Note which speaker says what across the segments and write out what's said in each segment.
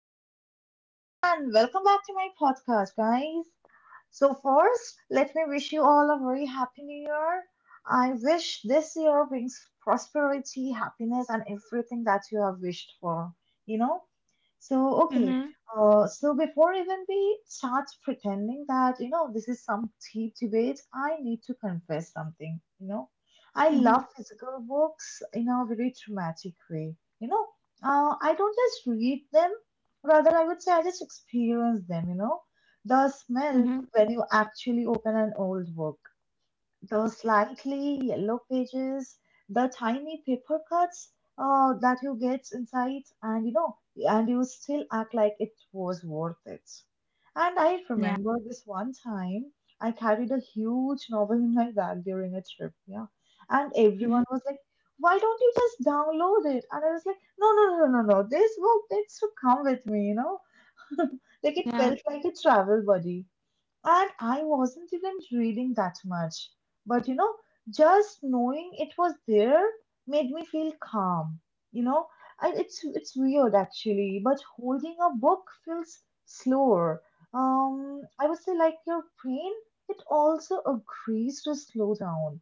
Speaker 1: Hello, everyone, and welcome back to my podcast, guys. So, first, let me wish you all a very happy new year. I wish this year brings prosperity, happiness, and everything that you have wished for, you know. So, okay.
Speaker 2: Mhm,
Speaker 1: So before even we start pretending that, this is some deep debate, I need to confess something, I love
Speaker 2: mhm,
Speaker 1: physical books in a very dramatic way, I don't just read them, rather I would say I just experience them, The smell,
Speaker 2: mhm.
Speaker 1: when you actually open an old book. Those slightly yellow pages, the tiny paper cuts that you get inside, and and you still act like it was worth it. And I
Speaker 2: Yeah,
Speaker 1: remember this one time I carried a huge novel in my bag during a trip, yeah. And everyone
Speaker 2: mhm,
Speaker 1: was like, why don't you just download it? And I was like, no, no, no, no, no, no, this book needs to come with me, you know? Like it
Speaker 2: yeah,
Speaker 1: felt like a travel buddy and I wasn't even reading that much. But you know, just knowing it was there made me feel calm. You know, I, it's weird actually, but holding a book feels slower. I would say like your brain, it also agrees to slow down.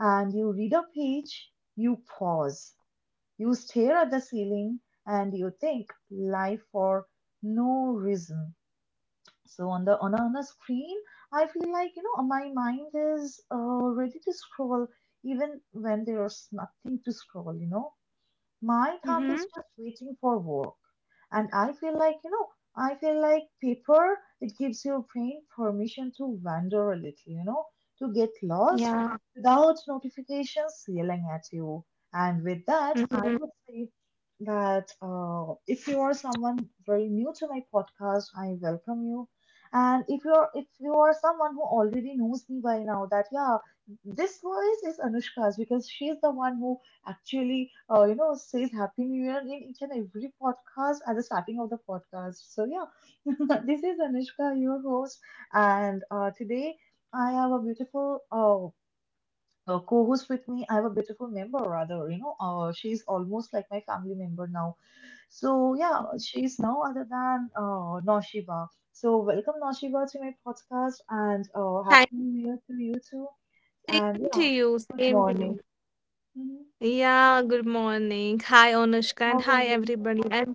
Speaker 1: And you read a page, you pause, you stare at the ceiling, and you think life for no reason. On a screen, I feel like my mind is ready to scroll even when there's nothing to scroll. You know, my thumb is
Speaker 2: mhm,
Speaker 1: just waiting for work. And I feel like, I feel like paper, it gives your brain permission to wander a little, to get lost
Speaker 2: yeah,
Speaker 1: without notifications yelling at you. And with that, I
Speaker 2: mhm.
Speaker 1: would say that if you are someone very new to my podcast, I welcome you. And if you are someone who already knows me by now, that yeah, this voice is Anushka's because she's the one who actually, says Happy New Year in each and every podcast at the starting of the podcast. So, yeah, this is Anushka, your host, and today I have a beautiful co host with me. I have a beautiful member, rather, she's almost like my family member now. So, yeah, she's no other than Noshiba. So, welcome, Noshiba, to my podcast, and
Speaker 2: Hi,
Speaker 1: Happy New Year to you too.
Speaker 2: same
Speaker 1: And,
Speaker 2: to
Speaker 1: yeah,
Speaker 2: you,
Speaker 1: good
Speaker 2: same to
Speaker 1: morning.
Speaker 2: you.
Speaker 1: Mhm.
Speaker 2: Yeah, good morning. Hi, Anushka,
Speaker 1: How
Speaker 2: and
Speaker 1: about
Speaker 2: hi,
Speaker 1: you?
Speaker 2: everybody. I'm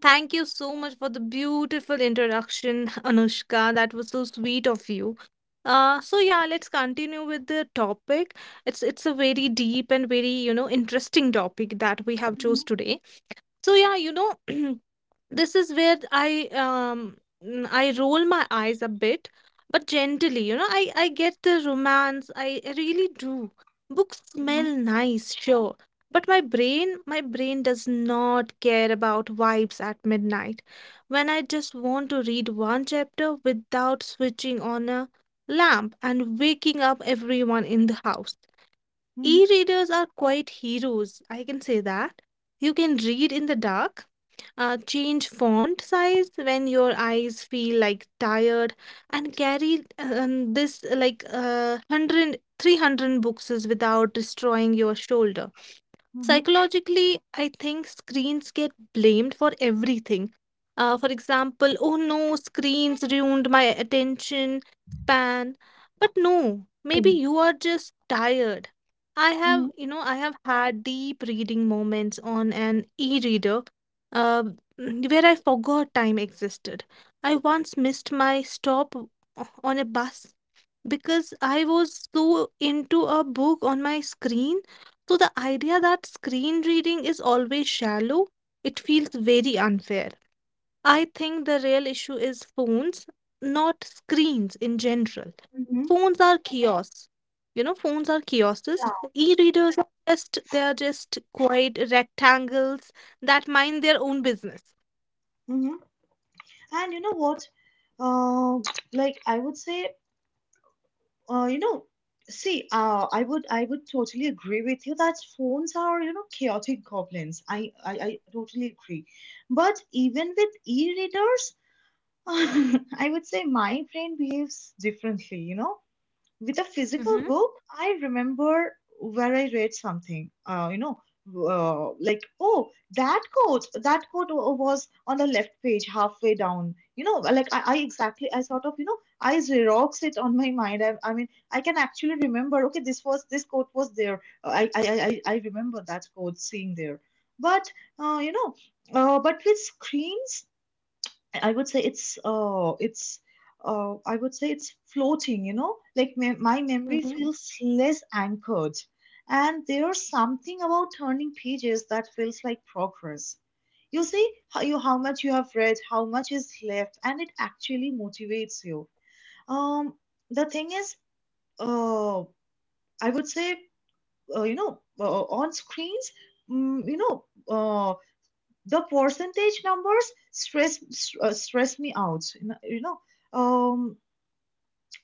Speaker 2: Thank you so much for the beautiful introduction, Anushka. That was so sweet of you. So yeah, let's continue with the topic. It's a very deep and very, you know, interesting topic that we have
Speaker 1: Mhm.
Speaker 2: chose today, so yeah, you know. This is where um I roll my eyes a bit, but gently, you know. I get the romance, I really do. Books smell
Speaker 1: Mhm,
Speaker 2: nice, sure, but my brain does not care about vibes at midnight when I just want to read one chapter without switching on a lamp and waking up everyone in the house.
Speaker 1: mhm,
Speaker 2: E-readers are quite heroes, I can say that. You can read in the dark, change font size when your eyes feel like tired, and carry this like one hundred three hundred 300 books without destroying your shoulder.
Speaker 1: mhm,
Speaker 2: Psychologically, I think screens get blamed for everything. For example, oh no, screens ruined my attention span. But no, maybe you are just tired. I have,
Speaker 1: mhm,
Speaker 2: you know, I have had deep reading moments on an e-reader, uh, where I forgot time existed. I once missed my stop on a bus because I was so into a book on my screen. So the idea that screen reading is always shallow, it feels very unfair. I think the real issue is phones, not screens in general.
Speaker 1: mhm,
Speaker 2: Phones are kiosks. You know, phones are
Speaker 1: yeah,
Speaker 2: kiosks. E-readers are just they are just quiet rectangles that mind their own business.
Speaker 1: mhm. And you know what? Uh, like I would say, uh, you know, see, I, would, I would totally agree with you that phones are, you know, chaotic goblins. I totally agree. But even with e-readers, I would say my brain behaves differently. You know, with a physical
Speaker 2: Mhm,
Speaker 1: book, I remember where I read something, like, oh, was on the left page, halfway down. You know, like I exactly, I sort of, you know, I xerox it on my mind. I mean, I can actually remember, okay, this quote was there. I remember that quote seeing there. But, uh, you know, but with screens, I would say it's floating, you know, like my memory
Speaker 2: mhm,
Speaker 1: feels less anchored. And there's something about turning pages that feels like progress. You see how much you have read, how much is left, and it actually motivates you. Um, the thing is, uh, I would say, you know, on screens, mm, you know, uh the percentage numbers stress me out, um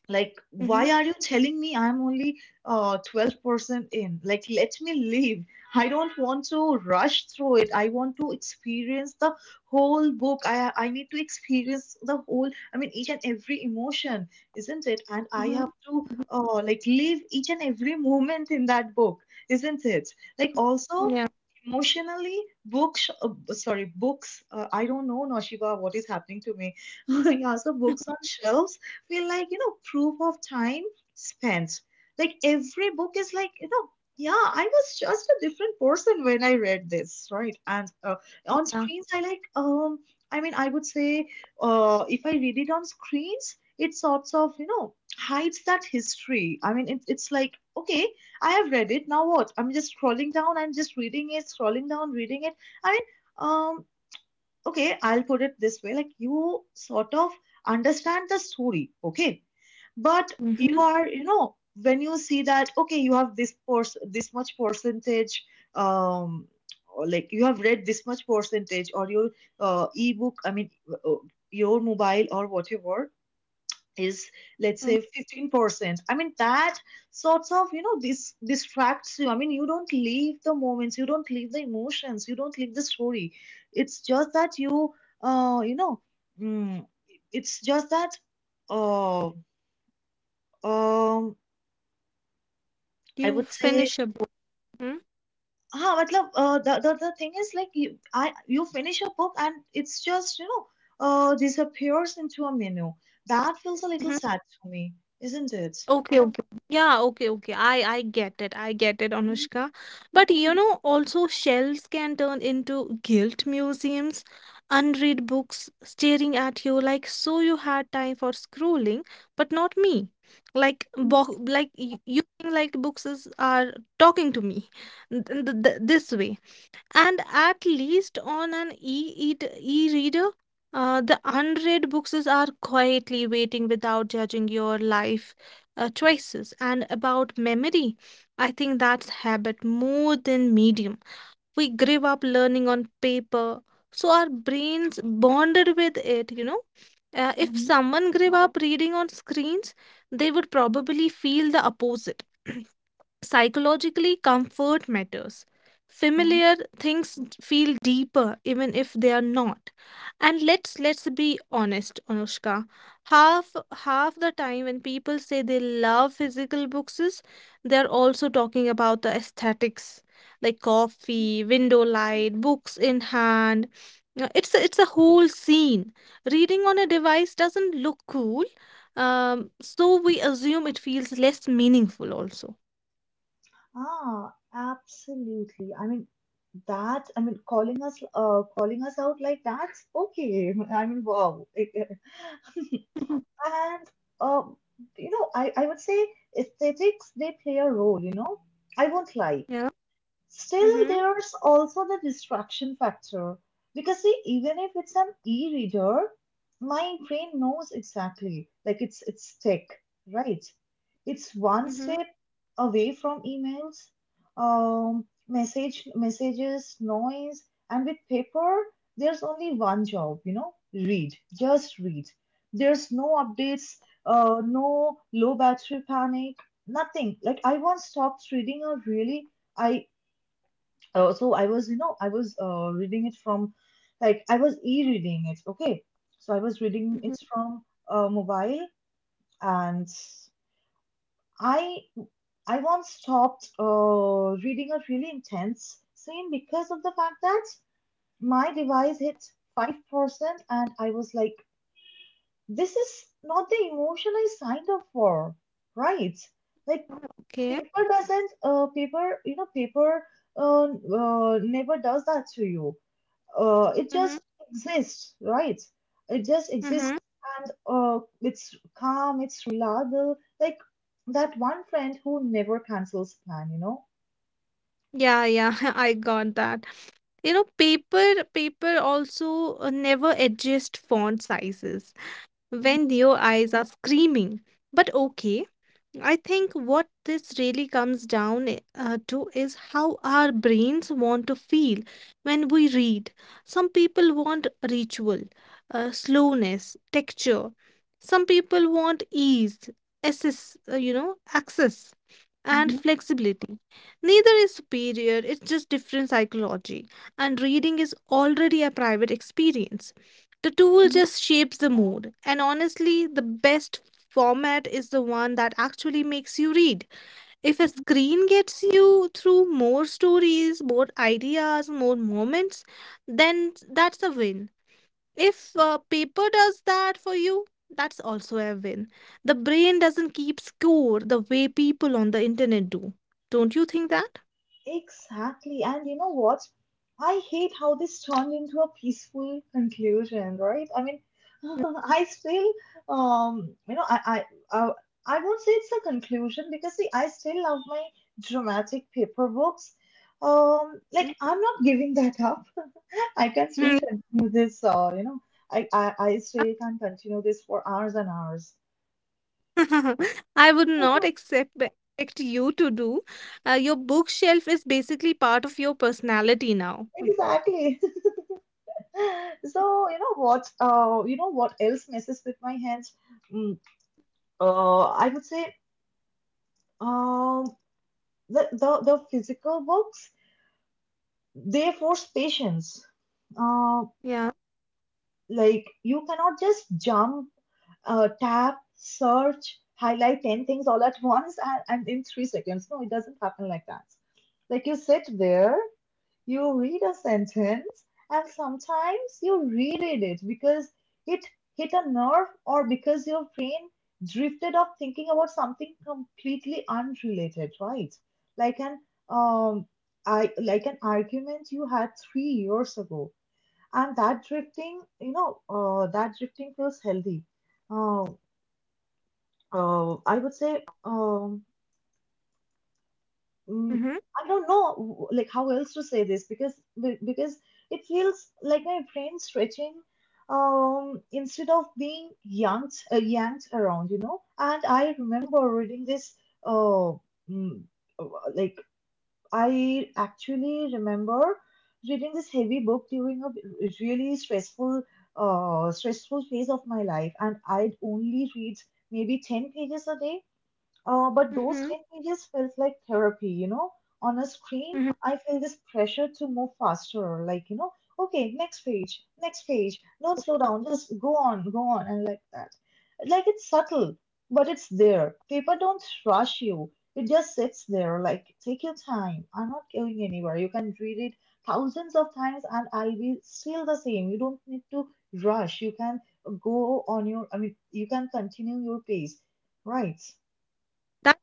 Speaker 1: like
Speaker 2: mhm,
Speaker 1: why are you telling me I'm only 12% in. Like, let me leave. I don't want to rush through it. I want to experience the whole book. I need to experience the whole, I mean, each and every emotion, isn't it? And I
Speaker 2: mhm,
Speaker 1: have to like live each and every moment in that book, isn't it? Like
Speaker 2: mhm.
Speaker 1: also
Speaker 2: Yeah,
Speaker 1: emotionally, books b- sorry books, I don't know, Nashiba, what is happening to me. Yeah, so books on shelves feel like, you know, proof of time spent. Like every book is like, you know, yeah, I was just a different person when I read this, right? And on
Speaker 2: yeah.
Speaker 1: screens, I mean, I would say, if I read it on screens, it sorts of, you know, hides that history. I mean, it, it's like, okay, I have read it, now what? I'm just scrolling down and just reading it, scrolling down, reading it. i mean um okay, I'll put it this way, like you sort of understand the story, okay, but
Speaker 2: Mhm,
Speaker 1: you are, you know, when you see that, okay, you have this much percentage um or like you have read this much percentage, or your ebook I mean your mobile or whatever is, let's
Speaker 2: mm.
Speaker 1: say, 15%, I mean that sorts of, you know, this distracts you. I mean, you don't leave the moments, you don't leave the emotions, you don't leave the story. It's just that you you know mm, it's just that uh um I
Speaker 2: You
Speaker 1: would say,
Speaker 2: finish a book. Mhm,
Speaker 1: ah, matlab, the thing is like you finish a book and it's just, you know, disappears into a menu. That feels a little
Speaker 2: mhm.
Speaker 1: sad to me, isn't it?
Speaker 2: Okay, okay. Yeah, okay, okay. I get it. I get it, Anushka. But you know, also shelves can turn into guilt museums, unread books staring at you like, so you had time for scrolling, but not me. Like bo like you think like books are talking to me this way. And at least on an e-reader, the unread books are quietly waiting without judging your life choices. And about memory, I think that's habit more than medium. We grew up learning on paper, so our brains bonded with it. If someone grew up reading on screens, they would probably feel the opposite. Psychologically, comfort matters. Familiar things feel deeper even if they are not. And let's be honest, Anushka. Half half the time when people say they love physical books, is they are also talking about the aesthetics, like coffee, window light, books in hand. It's a whole scene. Reading on a device doesn't look cool, so we assume it feels less meaningful also.
Speaker 1: Ah, absolutely. I mean that. I mean calling us out like that's okay. I mean, wow. And um, I would say aesthetics, they play a role, you know. I won't lie.
Speaker 2: Yeah.
Speaker 1: Still,
Speaker 2: Mhm,
Speaker 1: there's also the distraction factor because, see, even if it's an e-reader, my brain knows exactly like it's tech, right? It's one
Speaker 2: mhm,
Speaker 1: step away from emails, messages, noise, and with paper, there's only one job, you know, read, just read. There's no updates, no low battery panic, nothing. Like I once stopped reading a really I so I was, you know, I was reading it from, like, I was e-reading it. Okay, so I was reading
Speaker 2: mhm,
Speaker 1: it from mobile, and I I once stopped reading a really intense scene because of the fact that my device hit 5%, and I was like, this is not the emotion I signed up for, right? Like,
Speaker 2: okay.
Speaker 1: paper never does that to you. It
Speaker 2: Mhm,
Speaker 1: just exists, right? It just exists,
Speaker 2: mhm.
Speaker 1: and it's calm, it's reliable. Like that one friend who never cancels plan, you know.
Speaker 2: Yeah, yeah, I got that. You know, paper also never adjust font sizes when
Speaker 1: Mhm,
Speaker 2: your eyes are screaming. But okay, I think what this really comes down to is how our brains want to feel when we read. Some people want ritual, slowness, texture. Some people want ease, access, and
Speaker 1: mhm,
Speaker 2: flexibility. Neither is superior, it's just different psychology. And reading is already a private experience. The tool
Speaker 1: mhm,
Speaker 2: just shapes the mood, and honestly, the best format is the one that actually makes you read. If a
Speaker 1: mhm.
Speaker 2: screen gets you through more stories, more ideas, more moments, then that's a win. If paper does that for you, that's also a win. The brain doesn't keep score the way people on the internet do. Don't you think that?
Speaker 1: Exactly. And you know what? I hate how this turned into a peaceful conclusion, right? I mean, I still, um, you know, I, I, uh, I won't say it's a conclusion because, see, I still love my dramatic paper books.
Speaker 2: Mhm.
Speaker 1: Like I'm not giving that up. I can still
Speaker 2: Mm,
Speaker 1: continue this. I
Speaker 2: yeah.
Speaker 1: still can continue this for hours and hours.
Speaker 2: I would not accept expect you to do. Your bookshelf is basically part of your personality now.
Speaker 1: Exactly. So, you know what else messes with my hands? Mm, uh, I would say, um, the physical books, they force patience. Uh,
Speaker 2: Yeah.
Speaker 1: like you cannot just jump, tap, search, highlight 10 things all at once, and in 3 seconds. No, it doesn't happen like that. Like you sit there. You read a sentence and sometimes you reread it because it hit a nerve, or because your brain drifted off thinking about something completely unrelated, right? Like an um like an argument you had 3 years ago. And that drifting, you know, that drifting feels healthy. Uh, I would say mm,
Speaker 2: Hmm.
Speaker 1: I don't know like how else to say this because because it feels like my brain stretching instead of being yanked around, you know. And I remember reading this uh mm, uh, like I actually remember reading this heavy book during a really stressful phase of my life, and I'd only read maybe 10 pages a day, but those
Speaker 2: Mhm,
Speaker 1: 10 pages felt like therapy, you know. On a screen,
Speaker 2: mhm.
Speaker 1: I feel this pressure to move faster, like, you know, okay, next page, don't slow down, just go on, go on, and like that. Like it's subtle, but it's there. Paper don't rush you. It just sits there, like, take your time. I'm not going anywhere. You can read it thousands of times and I'll be still the same. You don't need to rush. You can go on your, I mean, you can continue your pace, right?
Speaker 2: That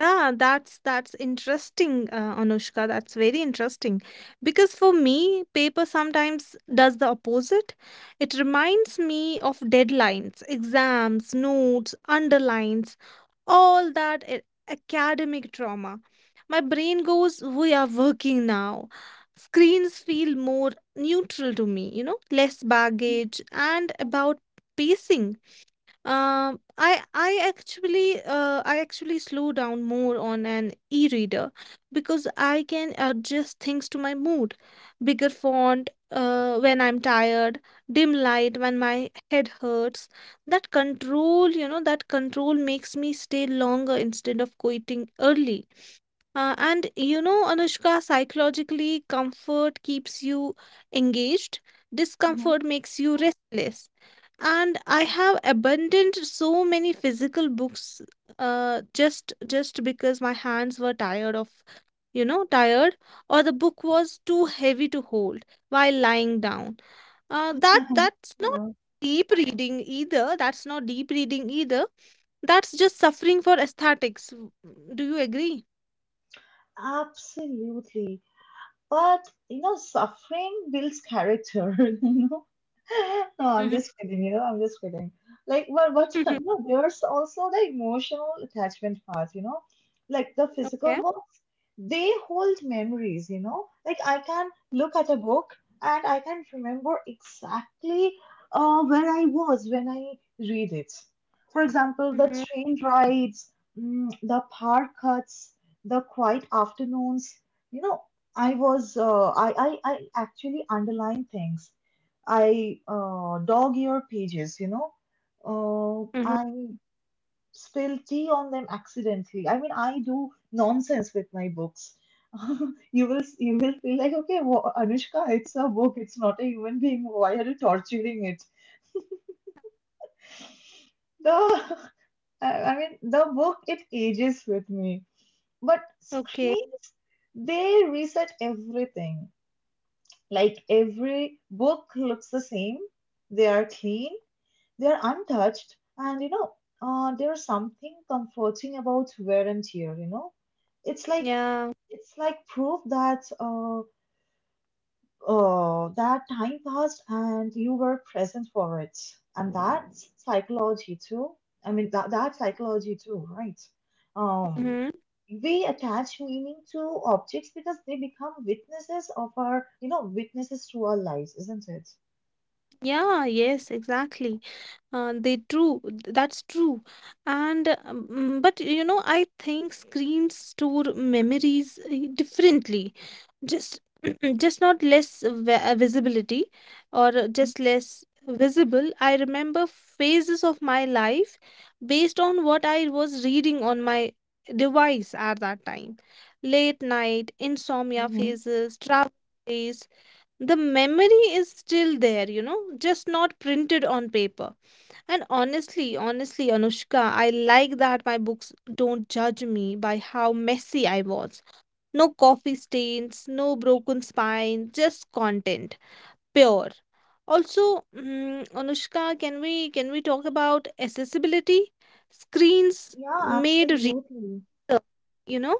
Speaker 2: yeah, that's interesting, Anushka. That's very interesting because for me, paper sometimes does the opposite. It reminds me of deadlines, exams, notes, underlines, all that academic trauma. My brain goes, "We are working now." Screens feel more neutral to me, you know, less baggage and about pacing. I actually slow down more on an e-reader because I can adjust things to my mood. Bigger font when I'm tired, dim light when my head hurts. That control makes me stay longer instead of quitting early. And you know, Anushka, psychologically, comfort keeps you engaged.
Speaker 1: Mhm.
Speaker 2: Discomfort makes you restless, and I have abandoned so many physical books, just because my hands were tired of you know tired, or the book was too heavy to hold while lying down. uh that that's not
Speaker 1: Oh,
Speaker 2: deep reading either. That's just suffering for aesthetics. Do you agree?
Speaker 1: absolutely. But you know, suffering builds character. You know, no, I'm
Speaker 2: Mm-hmm.
Speaker 1: just kidding. I'm just kidding. Like, but
Speaker 2: Mm-hmm.
Speaker 1: you know, there's also the emotional attachment part. You know, like the physical
Speaker 2: Okay.
Speaker 1: books, they hold memories. You know, like I can look at a book and I can remember exactly where I was when I read it. For example, the
Speaker 2: Mm-hmm.
Speaker 1: train rides, the park cuts, the quiet afternoons. You know, I actually underline things. I dog ear pages, you know. Uh,
Speaker 2: Mm-hmm.
Speaker 1: I spill tea on them accidentally. I mean, I do nonsense with my books. You will feel like, okay, wha Anushka, it's a book. It's not a human being. Why are you torturing it? The I mean, the book, it ages with me. But
Speaker 2: Okay.
Speaker 1: screens, they reset everything. Like every book looks the same. They are clean, they are untouched, and you know, there is something comforting about wear and tear. You know, it's like
Speaker 2: Yeah,
Speaker 1: it's like proof that Oh, that time passed and you were present for it. And that's psychology too. I mean, that's psychology too, right? Um,
Speaker 2: mm-hmm.
Speaker 1: we attach meaning to objects because they become witnesses of witnesses to our lives, isn't it?
Speaker 2: Yeah, yes, exactly. They true that's true. And um, but you know, I think screens store memories differently, just just not less visibility, or just less visible. I remember phases of my life based on what I was reading on my device at that time — late night insomnia
Speaker 1: hmm
Speaker 2: phases, travel days. The memory is still there, you know, just not printed on paper. And honestly, Anushka, I like that my books don't judge me by how messy I was. No coffee stains, no broken spine, just content, pure. Also, Anushka, can we talk about accessibility? Screens
Speaker 1: Yeah,
Speaker 2: made
Speaker 1: absolutely.
Speaker 2: you know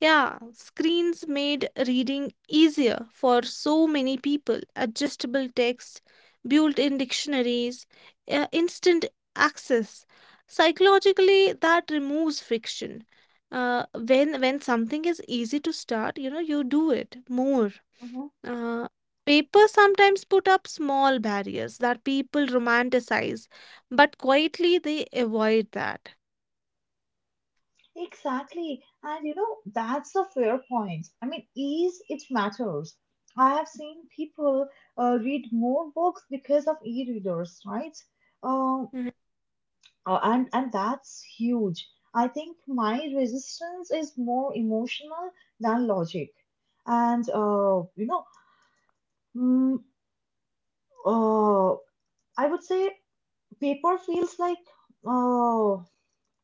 Speaker 2: yeah screens made reading easier for so many people — adjustable text, built-in dictionaries, instant access. Psychologically, that removes friction. Uh, when when something is easy to start, you know, you do it more.
Speaker 1: Mm-hmm.
Speaker 2: uh, Paper sometimes put up small barriers that people romanticize, but quietly they avoid that.
Speaker 1: Exactly. And you know, that's the fair point. I mean, ease, it matters. I have seen people read more books because of e-readers, right? Uh,
Speaker 2: Mhm,
Speaker 1: and that's huge. I think my resistance is more emotional than logic. And mm, uh, I would say paper feels like uh,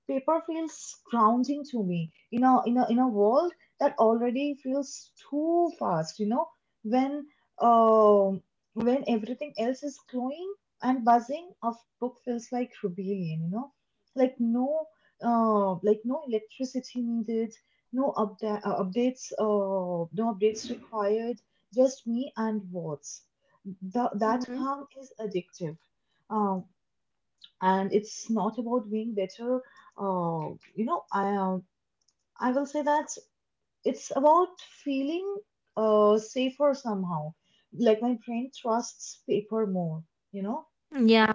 Speaker 1: paper feels grounding to me in a in a world that already feels too fast, you know, when um when everything else is glowing and buzzing, a book feels like rebellion, you know, like no electricity needed, no updates required, just me and words. That
Speaker 2: mhm.
Speaker 1: calm is addictive. Um, and it's not about being better. uh, you know i um, I will say that it's about feeling safer somehow, like my brain trusts paper more, you know.
Speaker 2: Yeah.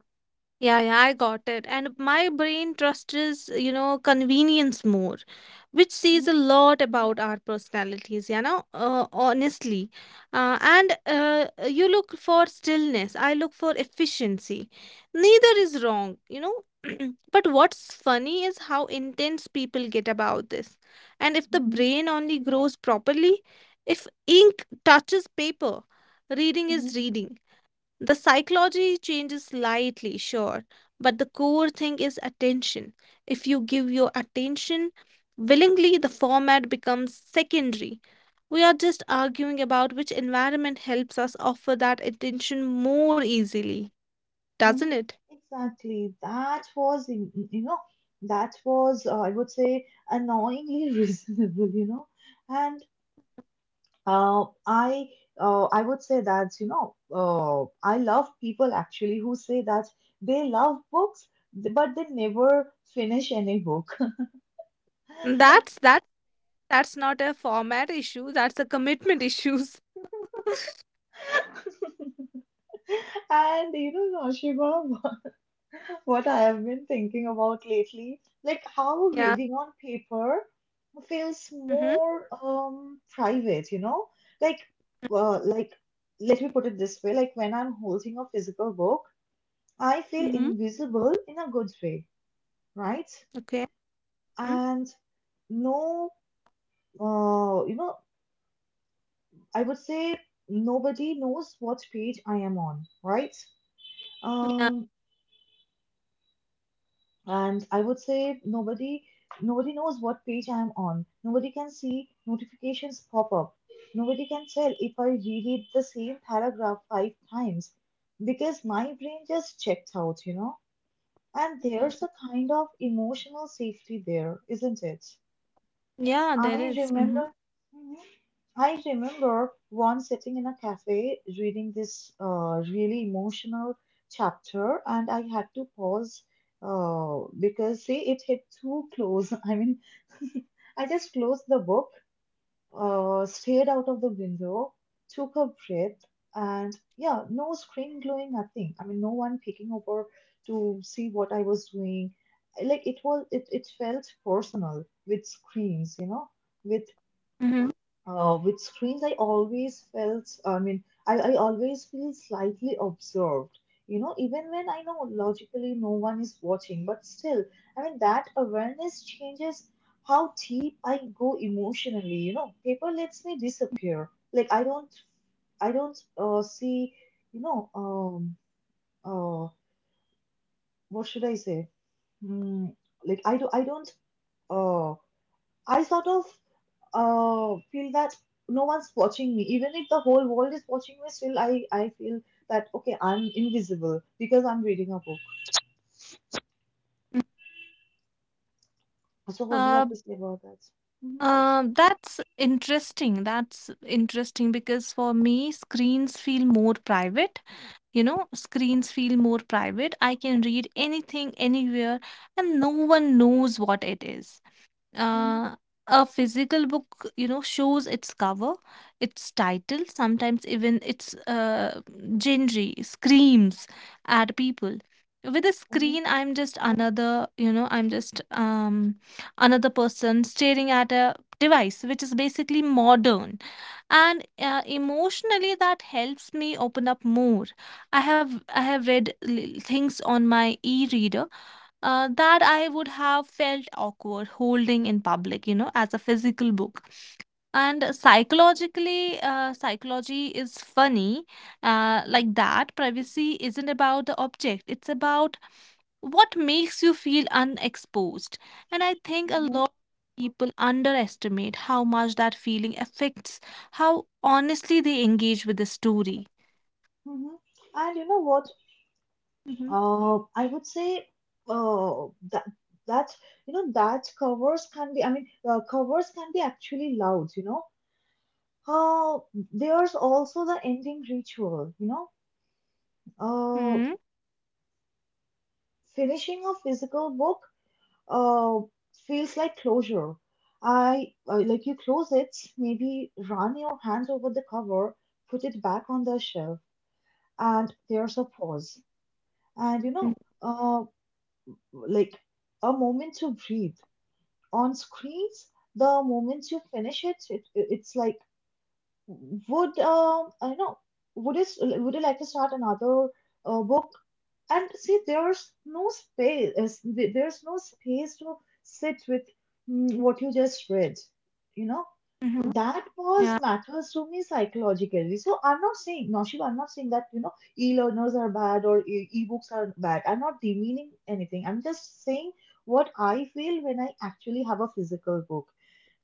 Speaker 2: Yeah, yeah, I got it. And my brain trusts, you know, convenience more, which says
Speaker 1: Mhm,
Speaker 2: a lot about our personalities, you know, honestly. And you look for stillness, I look for efficiency. Neither is wrong, you know. But what's funny is how intense people get about this. And if the
Speaker 1: mhm,
Speaker 2: brain only grows properly, if ink touches paper, reading is
Speaker 1: mhm,
Speaker 2: reading. The psychology changes slightly, sure, but the core thing is attention. If you give your attention willingly, the format becomes secondary. We are just arguing about which environment helps us offer that attention more easily, doesn't
Speaker 1: mhm.
Speaker 2: it?
Speaker 1: Exactly. that was in- you know that was I would say, annoyingly reasonable, you know. And Uh, I uh, I would say that, you know, I love people actually who say that they love books but they never finish any book.
Speaker 2: That's that. That's not a format issue. That's a commitment issues.
Speaker 1: And you know, Noshiba, what I have been thinking about lately, like how
Speaker 2: Yeah.
Speaker 1: reading on paper feels
Speaker 2: Mm-hmm.
Speaker 1: more private, you know? Like like, let me put it this way, like when I'm holding a physical book, I feel
Speaker 2: Mm-hmm.
Speaker 1: invisible in a good way, right?
Speaker 2: Okay. Mm-hmm.
Speaker 1: And no, you know, I would say nobody knows what page I am on, right?
Speaker 2: Yeah.
Speaker 1: Um, and I would say nobody knows what page I am on. Nobody can see notifications pop up. Nobody can tell if I reread the same paragraph five times because my brain just checked out, you know? And there's a kind of emotional safety there, isn't it?
Speaker 2: Yeah. There
Speaker 1: I
Speaker 2: is. Mm-hmm.
Speaker 1: remember. hmm, I remember once sitting in a cafe reading this really emotional chapter, and I had to pause because, see, it hit too close. I mean, I just closed the book, stared out of the window, took a breath, and yeah, no screen glowing, nothing. I mean, no one peeking over to see what I was doing. Like it felt personal. With screens, you know, with
Speaker 2: Mm-hmm.
Speaker 1: with screens, I always felt, I mean, I always feel slightly observed, you know, even when I know logically no one is watching, but still, I mean, that awareness changes how deep I go emotionally, you know. Paper lets me disappear. Like, I don't see, you know, uh, what should I say? Mm, like, I do, I don't, uh, I sort of feel that no one's watching me. Even if the whole world is watching me, still I feel that, okay, I'm invisible because I'm reading a book.
Speaker 2: Mm-hmm.
Speaker 1: So what do you
Speaker 2: Uh,
Speaker 1: have to say about that? Mhm,
Speaker 2: That's interesting. That's interesting because for me, screens feel more private. You know, screens feel more private. I can read anything, anywhere, and no one knows what it is.
Speaker 1: mhm,
Speaker 2: Uh, a physical book, you know, shows its cover, its title, sometimes even its genre screams at people. With a
Speaker 1: mhm,
Speaker 2: screen, I'm just another, you know, I'm just another person staring at a device, which is basically modern. And emotionally, that helps me open up more. I have read things on my e-reader that I would have felt awkward holding in public, you know, as a physical book. And psychologically, psychology is funny, like that. Privacy isn't about the object, it's about what makes you feel unexposed. And I think a
Speaker 1: mhm,
Speaker 2: lot of people underestimate how much that feeling affects how honestly they engage with the story.
Speaker 1: mhm. And you know what?
Speaker 2: Mm-hmm.
Speaker 1: I would say uh, that that that covers can be. I mean, covers can be actually loud. You know. Uh, there's also the ending ritual. You know. Uh,
Speaker 2: Mm-hmm.
Speaker 1: Finishing a physical book uh, feels like closure. I Like you close it, maybe run your hand over the cover, put it back on the shelf, and there's a pause. And you know,
Speaker 2: Mm-hmm.
Speaker 1: like a moment to breathe. On screens, the moment you finish it, it's like, would I know, would you like to start another book? And see, there's no space, there's no space to sit with what you just read, you know.
Speaker 2: Mm-hmm.
Speaker 1: That was
Speaker 2: Yeah.
Speaker 1: matters to me psychologically. So I'm not saying, Naushib, I'm not saying that, you know, e-learners are bad or e-books are bad. I'm not demeaning anything. I'm just saying what I feel when I actually have a physical book.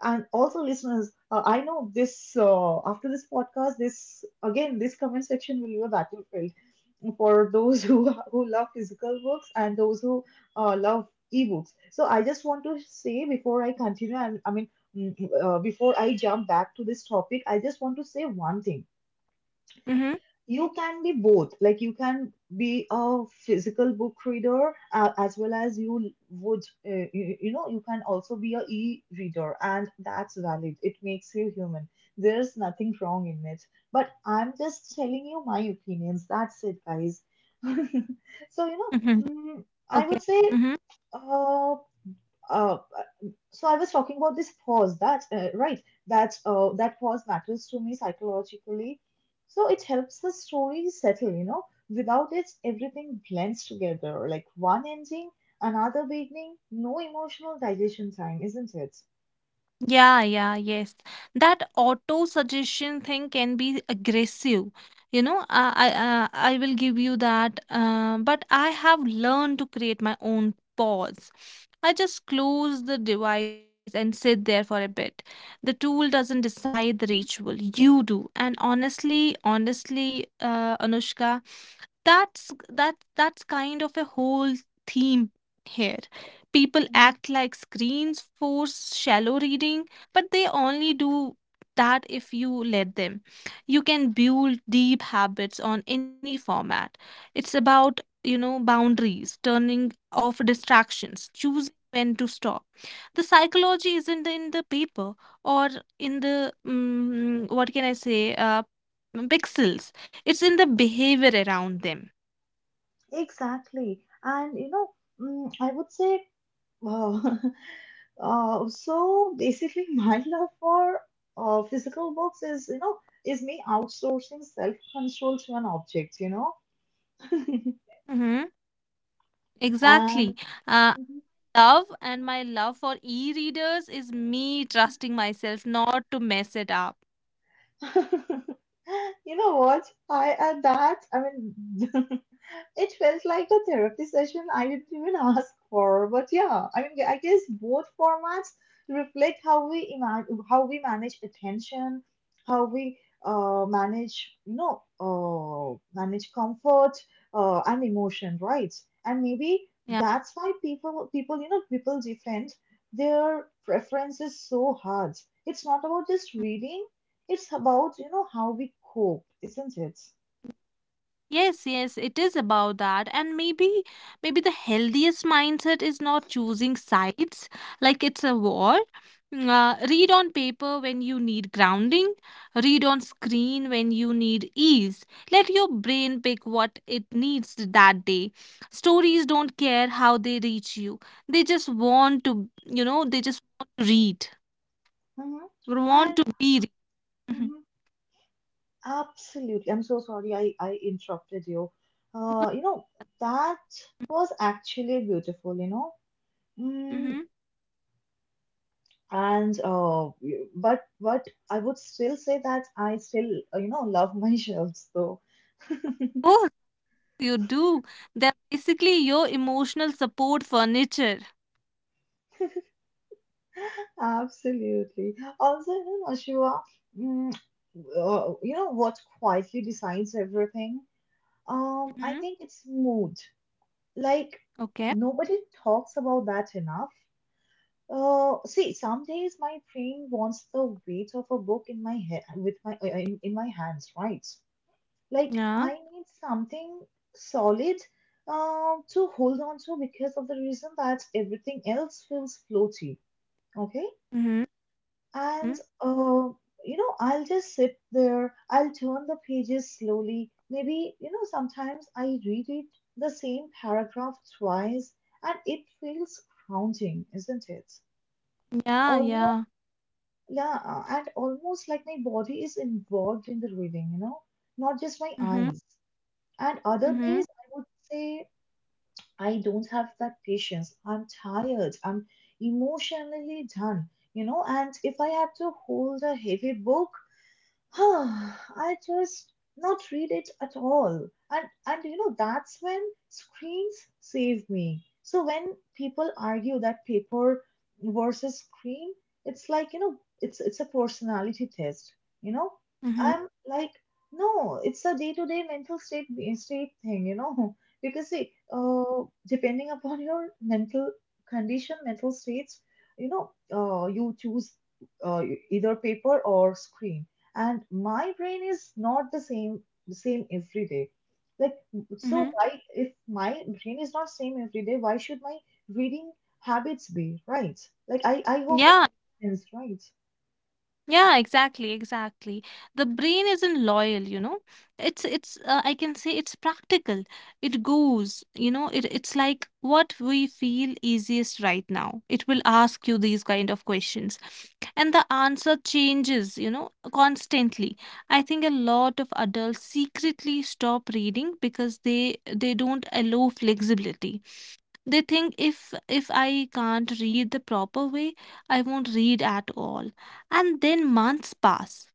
Speaker 1: And also, listeners, I know this, after this podcast, this comment section will be a battlefield for those who love physical books and those who love ebooks. So I just want to say before I continue, I'm, I mean, Mm, before I jump back to this topic, I just want to say one thing.
Speaker 2: Mm-hmm.
Speaker 1: You can be both. Like you can be a physical book reader as well as you would, you know, you can also be a e-reader, and that's valid. It makes you human. There's nothing wrong in it. But I'm just telling you my opinions. That's it, guys. So you know,
Speaker 2: Mm-hmm.
Speaker 1: I
Speaker 2: Okay.
Speaker 1: would say,
Speaker 2: Mm-hmm.
Speaker 1: uh, uh, so I was talking about this pause that right, that that pause matters to me psychologically. So it helps the story settle, you know. Without it, everything blends together, like one ending, another beginning, no emotional digestion time, isn't it?
Speaker 2: Yeah, yeah, yes. That auto suggestion thing can be aggressive. You know, I will give you that. But I have learned to create my own pause. I just close the device and sit there for a bit. The tool doesn't decide the ritual. You do. And honestly, Anushka, that's that that's kind of a whole theme here. People
Speaker 1: Mhm.
Speaker 2: act like screens force shallow reading, but they only do that if you let them. You can build deep habits on any format. It's about, you know, boundaries, turning off distractions, choosing when to stop. The psychology isn't in the paper or in the what can I say, pixels. It's in the behavior around them.
Speaker 1: Exactly. And you know, I would say, uh, so basically, my love for physical books is, you know, is me outsourcing self-control to an object, you know.
Speaker 2: Mm-hmm.
Speaker 1: And
Speaker 2: Exactly. Uh, love and my love for e readers is me trusting myself not to mess it up.
Speaker 1: you know what? I at that, I mean, it felt like a therapy session I didn't even ask for. But yeah, I mean, I guess both formats reflect how we imagine, how we manage attention, how we manage, manage comfort and emotion, right? And maybe
Speaker 2: Yeah.
Speaker 1: that's why people defend their preferences so hard. It's not about just reading, it's about, you know, how we cope, isn't it?
Speaker 2: Yes, yes, it is about that. And maybe the healthiest mindset is not choosing sides like it's a war. Read on paper when you need grounding, read on screen when you need ease. Let your brain pick what it needs that day. Stories don't care how they reach you. They just want to read,
Speaker 1: hmm
Speaker 2: want
Speaker 1: And
Speaker 2: to be read.
Speaker 1: hmm absolutely, I'm so sorry I interrupted you. You know, that was actually beautiful, you know. Mm,
Speaker 2: Hmm,
Speaker 1: and but I would still say that I still, you know, love my shelves though.
Speaker 2: hmm. You do. They're basically your emotional support furniture.
Speaker 1: Absolutely. Also, you know, Shiva, mm, you know what quietly decides everything? I
Speaker 2: Mm-hmm.
Speaker 1: think it's mood. Like,
Speaker 2: Okay.
Speaker 1: nobody talks about that enough. See, some days my brain wants the weight of a book in my head, with my in my hands, right? Like,
Speaker 2: Yeah.
Speaker 1: I need something solid to hold on to because of the reason that everything else feels floaty. Okay,
Speaker 2: Mm-hmm.
Speaker 1: and
Speaker 2: Mm-hmm.
Speaker 1: uh, you know, I'll just sit there. I'll turn the pages slowly. Maybe, you know, sometimes I read it the same paragraph twice and it feels grounding, isn't it?
Speaker 2: Yeah.
Speaker 1: Almost,
Speaker 2: Yeah.
Speaker 1: yeah, and almost like my body is involved in the reading, you know, not just my
Speaker 2: Mm-hmm.
Speaker 1: eyes. And other
Speaker 2: Mm-hmm.
Speaker 1: days, I would say I don't have that patience. I'm tired. I'm emotionally done, you know, and if I had to hold a heavy book, I just not read it at all. And you know, that's when screens save me. So when people argue that paper versus screen, it's like, you know, it's a personality test, you know?
Speaker 2: Mm-hmm.
Speaker 1: I'm like, no, it's a day-to-day mental state thing, you know? Because see, depending upon your mental condition, mental states, you know, you choose uh, either paper or screen. And my brain is not the same every day. Like, so
Speaker 2: Mm-hmm.
Speaker 1: why, if my brain is not same every day, why should my reading habits be, right? Like I hope it
Speaker 2: Yeah.
Speaker 1: is right.
Speaker 2: Yeah, exactly, exactly. The brain isn't loyal, you know. It's I can say it's practical. It goes, you know, it's like what we feel easiest right now. It will ask you these kind of questions. And the answer changes, you know, constantly. I think a lot of adults secretly stop reading because they don't allow flexibility. They think if I can't read the proper way, I won't read at all. And then months pass.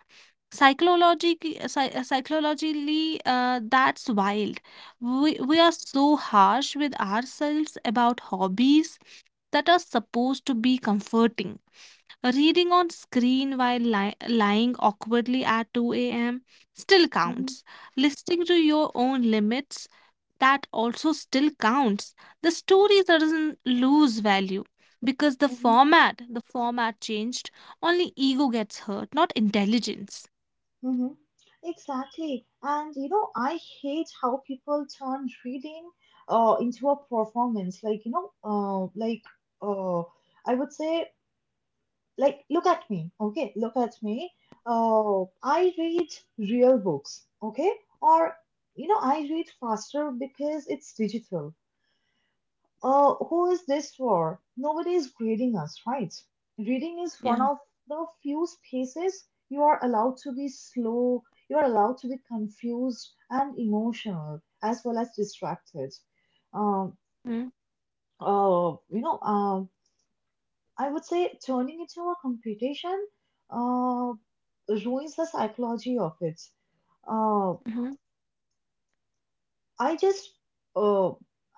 Speaker 2: Psychologically, that's wild. We are so harsh with ourselves about hobbies that are supposed to be comforting. Reading on screen while lying awkwardly at 2 a.m. still
Speaker 1: Hmm.
Speaker 2: counts. Listening to your own limits, that also still counts. The story doesn't lose value because
Speaker 1: Hmm.
Speaker 2: the format changed. Only ego gets hurt, not intelligence.
Speaker 1: Hmm. Exactly. And you know, I hate how people turn reading into a performance. Like, you know, like, uh I would say, like, look at me. Okay, look at me. I read real books, okay? Or, you know, I read faster because it's digital. Uh, who is this for? Nobody is grading us, right? Reading is one
Speaker 2: Yeah.
Speaker 1: of the few spaces you are allowed to be slow. You are allowed to be confused and emotional as well as distracted. um,
Speaker 2: Mhm,
Speaker 1: you know, I would say turning into a competition uh, ruins the psychology of it. Uh,
Speaker 2: mhm,
Speaker 1: I just, uh,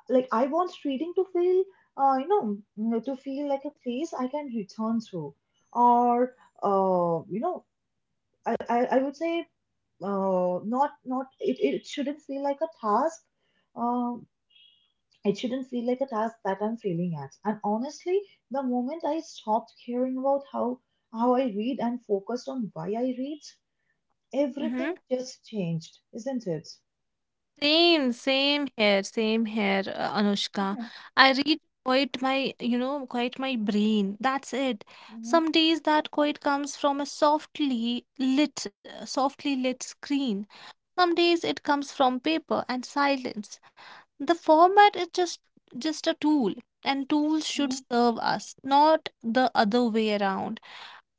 Speaker 1: like, I want reading to feel, you know, to feel like a place I can return to. Or, you know, I would say, not not it, it shouldn't feel like a task. Uh, It shouldn't feel like a task that I'm failing at. And honestly, the moment I stopped caring about how I read and focused on why I read,
Speaker 2: mhm.
Speaker 1: everything just changed, isn't it?
Speaker 2: Same, same here, Anushka. I read quite my, you know, quite my brain. That's it.
Speaker 1: Mhm.
Speaker 2: Some days that quite comes from a softly lit screen. Some days it comes from paper and silence. The format is just a tool, and tools should
Speaker 1: Mhm.
Speaker 2: serve us, not the other way around.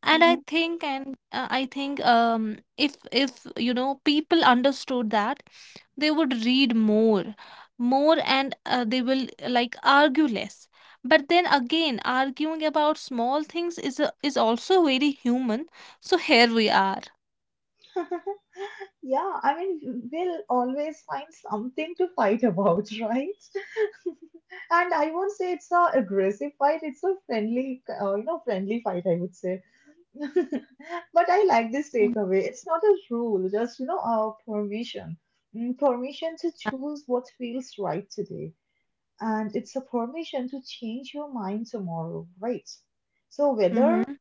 Speaker 2: and i
Speaker 1: Mhm.
Speaker 2: think and uh, i think um if you know people understood that, they would read more and they will like argue less. But then again, arguing about small things is is also very human, so here we are.
Speaker 1: Yeah, I mean, we'll always find something to fight about, right? And I won't say it's a aggressive fight; it's a friendly, you know, friendly fight, I would say. But I like this takeaway. It's not a rule, just, you know, our permission. Mm, permission to choose what feels right today. And it's a permission to change your mind tomorrow, right? So whether
Speaker 2: Mm-hmm.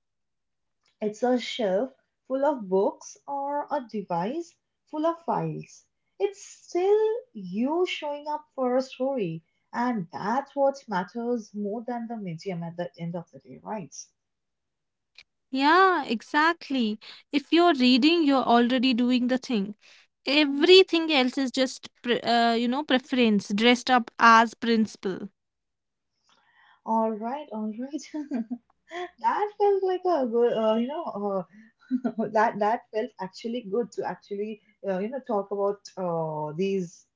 Speaker 1: it's a shelf full of books or a device full of files, it's still you showing up for a story. And that's what matters more than the medium at the end of the day, right?
Speaker 2: Yeah, exactly. If you're reading, you're already doing the thing. Everything else is just you know, preference dressed up as principle.
Speaker 1: All right, all right. That felt like a good, you know, that felt actually good to actually, you know, talk about, uh, these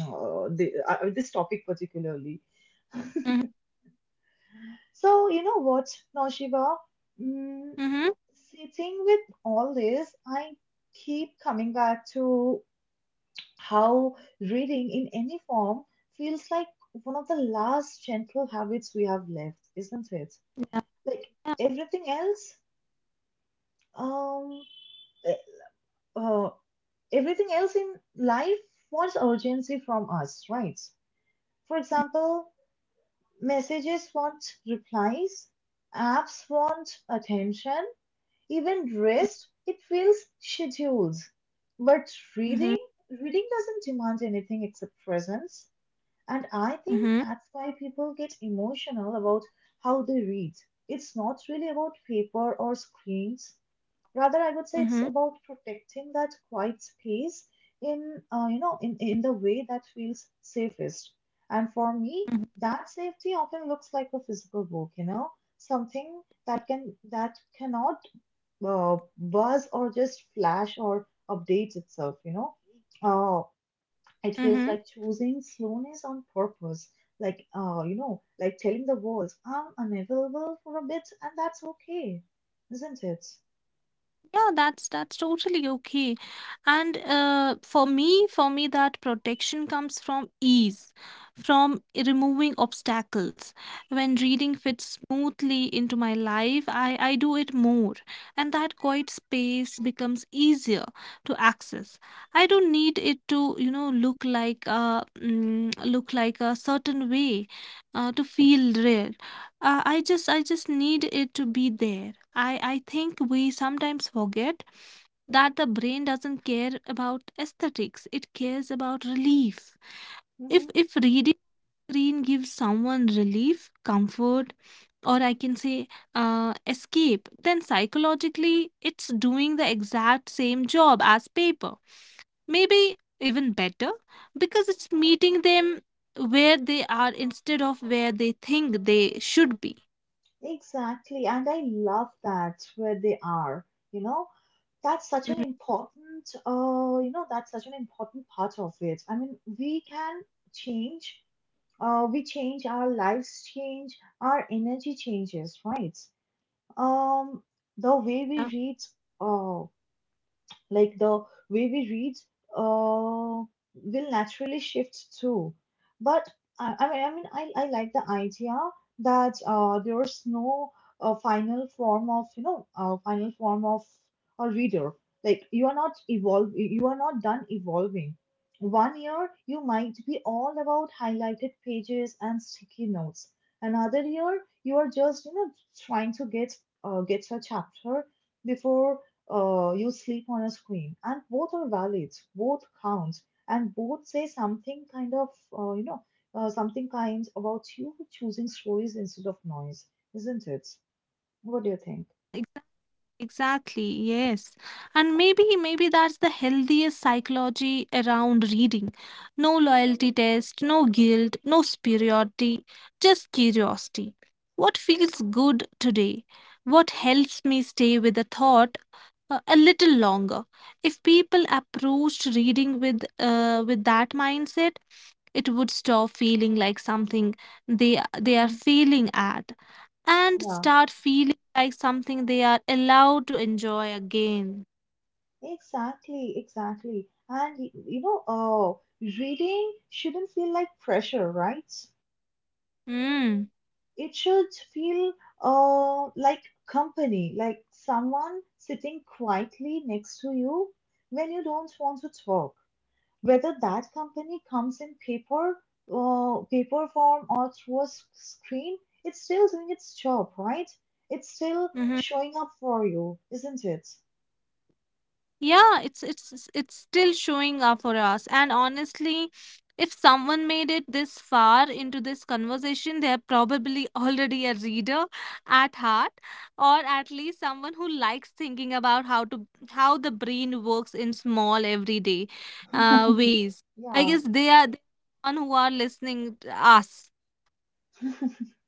Speaker 1: uh, the, uh, this topic particularly. So, you know what, Naushiba, mm,
Speaker 2: Mm-hmm.
Speaker 1: sitting with all this, I keep coming back to how reading in any form feels like one of the last gentle habits we have left, isn't it?
Speaker 2: Yeah.
Speaker 1: Like, everything else, um eh, uh, everything else in life wants urgency from us, right? For example, messages want replies, apps want attention, even
Speaker 2: Mm,
Speaker 1: rest, it feels scheduled. But
Speaker 2: mhm,
Speaker 1: reading, reading doesn't demand anything except presence. And I think
Speaker 2: mhm,
Speaker 1: that's why people get emotional about how they read. It's not really about paper or screens. Rather, I would say it's
Speaker 2: mhm,
Speaker 1: about protecting that quiet space in, you know, in the way that feels safest. And for me,
Speaker 2: mhm,
Speaker 1: that safety often looks like a physical book, you know, something that cannot buzz or just flash or update itself, you know. Uh,
Speaker 2: mhm.
Speaker 1: it feels like choosing slowness on purpose. Like, you know, like telling the walls I'm unavailable for a bit, and that's okay, isn't it?
Speaker 2: Yeah, that's totally okay. And for me, that protection comes from ease, from removing obstacles. When reading fits smoothly into my life, I do it more, and that quiet space becomes easier to access. I don't need it to, you know, look like a look like a certain way, to feel real. Uh, I just need it to be there. I think we sometimes forget that the brain doesn't care about aesthetics, it cares about relief. if
Speaker 1: Mm-hmm.
Speaker 2: if reading screen gives someone relief, comfort, or I can say escape, then psychologically it's doing the exact same job as paper, maybe even better, because it's meeting them where they are instead of where they think they should be.
Speaker 1: Exactly, and I love that, where they are. You know, that's such an
Speaker 2: Mhm.
Speaker 1: important, you know, that's such an important part of it. I mean, we can change, we change our lives, change our energy changes, right? Um, the way
Speaker 2: Yeah.
Speaker 1: we read, uh, like the way we read uh, will naturally shift too. But I mean, I like the idea that, there's no, final form of a reader. Like, you are not evolve, you are not done evolving. One year you might be all about highlighted pages and sticky notes. Another year you are just, you know, trying to get, get a chapter before, you sleep on a screen. And both are valid, both count, and both say something kind of, uh, you know, something kind about you choosing stories instead of noise, isn't it? What do you think?
Speaker 2: Uh, uh, exa- exactly, yes. And maybe maybe that's the healthiest psychology around reading. No loyalty test, no guilt, no superiority, just curiosity. What feels good today? What helps me stay with a thought a little longer? If people approached reading with that mindset, it would stop feeling like something they are
Speaker 1: Mhm.
Speaker 2: failing at, and
Speaker 1: Yeah,
Speaker 2: start feeling like something they are allowed to enjoy again.
Speaker 1: exactly, exactly. And you know, reading shouldn't feel like pressure, right?
Speaker 2: Mm.
Speaker 1: It should feel, like company, like someone sitting quietly next to you when you don't want to talk. Whether that company comes in paper, paper form or through a screen, it's still doing its job, right? It's still
Speaker 2: Hmm. Mm-hmm.
Speaker 1: showing up for you, isn't it?
Speaker 2: Yeah, it's still showing up for us. And honestly, if someone made it this far into this conversation, they're probably already a reader at heart, or at least someone who likes thinking about how to how the brain works in small everyday ways. I
Speaker 1: Yeah.
Speaker 2: guess they are the one who are listening to us.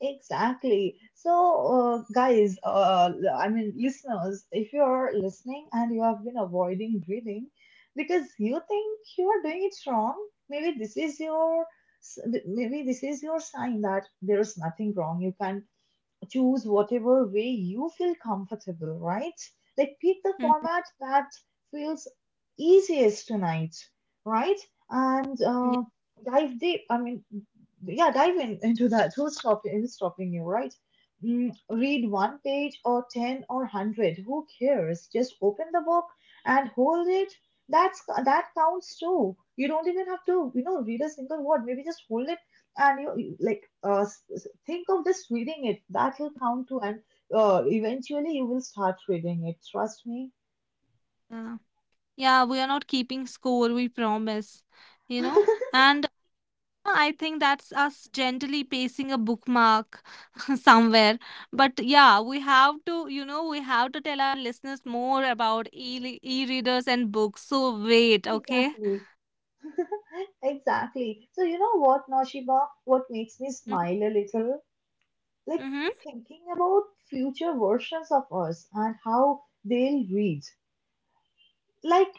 Speaker 1: Exactly. So, guys, I mean, listeners, if you're listening and you have been avoiding reading because you think you are doing it wrong, maybe this is your, maybe this is your sign that there is nothing wrong. You can choose whatever way you feel comfortable, right? Like, pick the
Speaker 2: Mhm.
Speaker 1: format that feels easiest tonight, right? And, dive deep. I mean, yeah, dive in into that. Who's stopping you, right? Mm, read one page or 10 or 100. Who cares? Just open the book and hold it. That's, that counts too. You don't even have to, you know, read a single word. Maybe just hold it and like, think of just reading it. That will count too, and, eventually you will start reading it. Trust me.
Speaker 2: Yeah. Yeah, we are not keeping score, we promise. You know? And I think that's us gently pacing a bookmark somewhere. But yeah, we have to, you know, we have to tell our listeners more about e e-readers and books. So wait, okay?
Speaker 1: Exactly. Exactly. So, you know what, Noshiba, what makes me
Speaker 2: Mm-hmm.
Speaker 1: smile a little? Like,
Speaker 2: Mm-hmm.
Speaker 1: thinking about future versions of us and how they'll read. Like,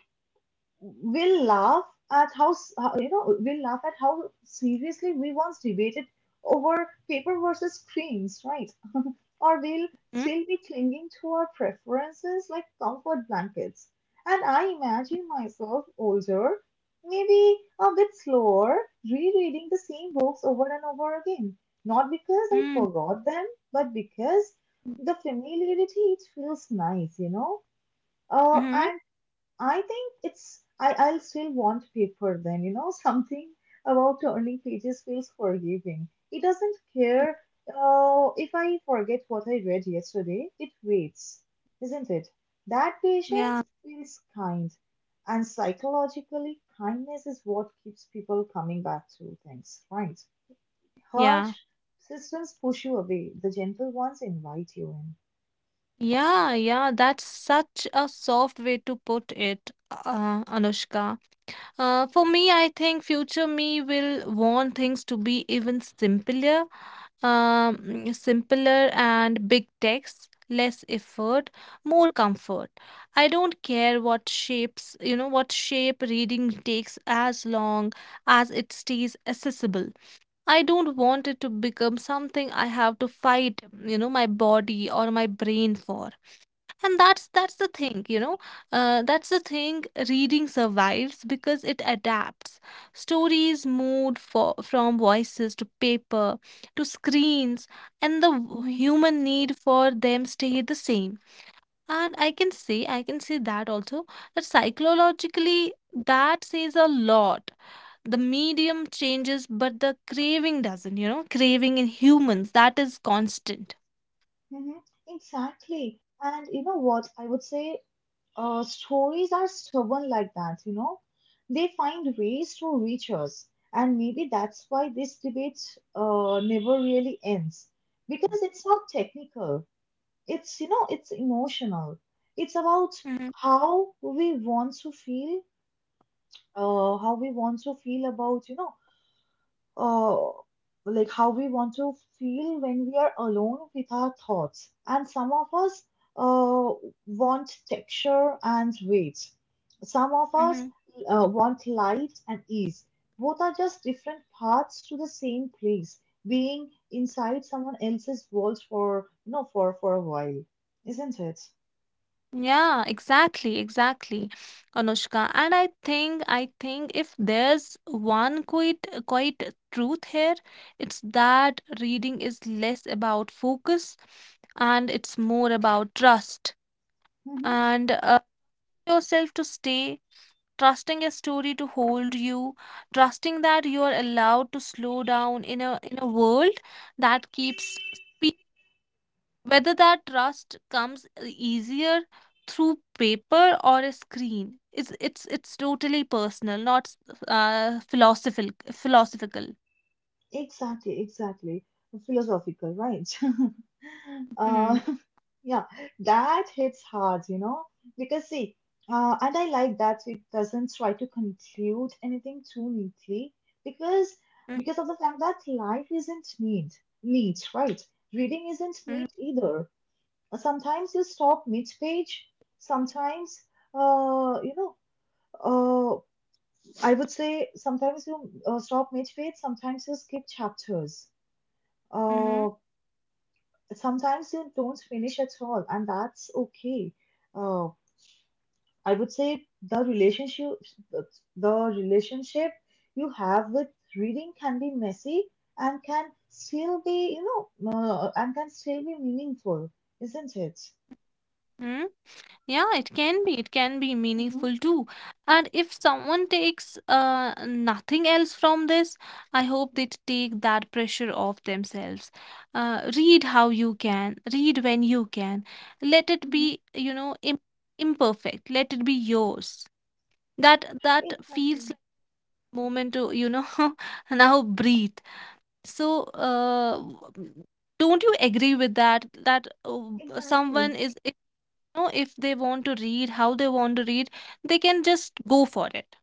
Speaker 1: we'll laugh at how, you know, we'll laugh at how seriously we once debated over paper versus screens, right? Or we'll still be clinging to our preferences like comfort blankets. And I imagine myself older, maybe a bit slower, rereading the same books over and over again. Not because I forgot them, but because the familiarity, it feels nice, you know.
Speaker 2: Mm-hmm.
Speaker 1: And I think it's, I'll still want paper then, you know, something about turning pages feels forgiving. It doesn't care, if I forget what I read yesterday. It waits, isn't it? That
Speaker 2: Yeah.
Speaker 1: patience feels kind, and psychologically, kindness is what keeps people coming back to things, right? Harsh
Speaker 2: Yeah.
Speaker 1: systems push you away. The gentle ones invite you
Speaker 2: Yeah, yeah, that's such a soft way to put it, Anushka. For me, I think future me will want things to be even simpler, simpler and big text, less effort, more comfort. I don't care what shapes, you know, what shape reading takes as long as it stays accessible. I don't want it to become something I have to fight, you know, my body or my brain for. And that's the thing, you know, that's the thing: reading survives because it adapts. Stories moved from voices to paper to screens, and the
Speaker 1: in. Hmm.
Speaker 2: human need for them stay the same. And I can say that also, that psychologically that says a lot. The medium changes but the craving doesn't, you know, craving in humans, that is constant.
Speaker 1: Hmm. Exactly. And you know what? I would say, uh, stories are stubborn like that, you know. They find ways to reach us, and maybe that's why this debate, never really ends, because it's not technical. It's, you know, it's emotional. It's about
Speaker 2: Mhm,
Speaker 1: how we want to feel, how we want to feel about, you know, uh, how we want to feel when we are alone with our thoughts. And some of us, uh, want texture and weight. Some of us,
Speaker 2: mhm.
Speaker 1: want light and ease. Both are just different paths to the same place, being inside someone else's walls for, for a while, isn't it?
Speaker 2: Yeah, exactly, exactly, Anushka. And I think if there's one quite truth here, it's that reading is less about focus and it's more about trust,
Speaker 1: Mm-hmm.
Speaker 2: and yourself to stay, trusting a story to hold you, trusting that you are allowed to slow down in a world that keeps. Whether that trust comes easier through paper or a screen, it's totally personal, not s- philosophical. Philosophical.
Speaker 1: Exactly, exactly. Philosophical, right? uh,
Speaker 2: Mm-hmm.
Speaker 1: yeah, that hits hard, you know, because see, and I like that it doesn't try to conclude anything too neatly, because because of the fact that life isn't neat, right? Reading isn't
Speaker 2: Mm-hmm.
Speaker 1: neat either. Sometimes you stop mid-page. Sometimes, you know, uh, I would say sometimes you, stop mid-page. Sometimes you skip chapters, uh, sometimes you don't finish at all, and that's okay. Uh, I would say the relationship you have with reading can be messy and can still be, you know, and can still be meaningful, isn't it?
Speaker 2: Mm-hmm. Yeah, it can be. It can be
Speaker 1: Mm-hmm.
Speaker 2: meaningful too. And if someone takes nothing else from this, I hope they take that pressure off themselves. Read how you can, read when you can. Let it
Speaker 1: Mm-hmm.
Speaker 2: be, you know, imperfect. Let it be yours. That that feels
Speaker 1: Exactly,
Speaker 2: like moment to, you know, now breathe. So, don't you agree with that? That someone
Speaker 1: exactly,
Speaker 2: is know if they want to read how they want to read, they can just go for it.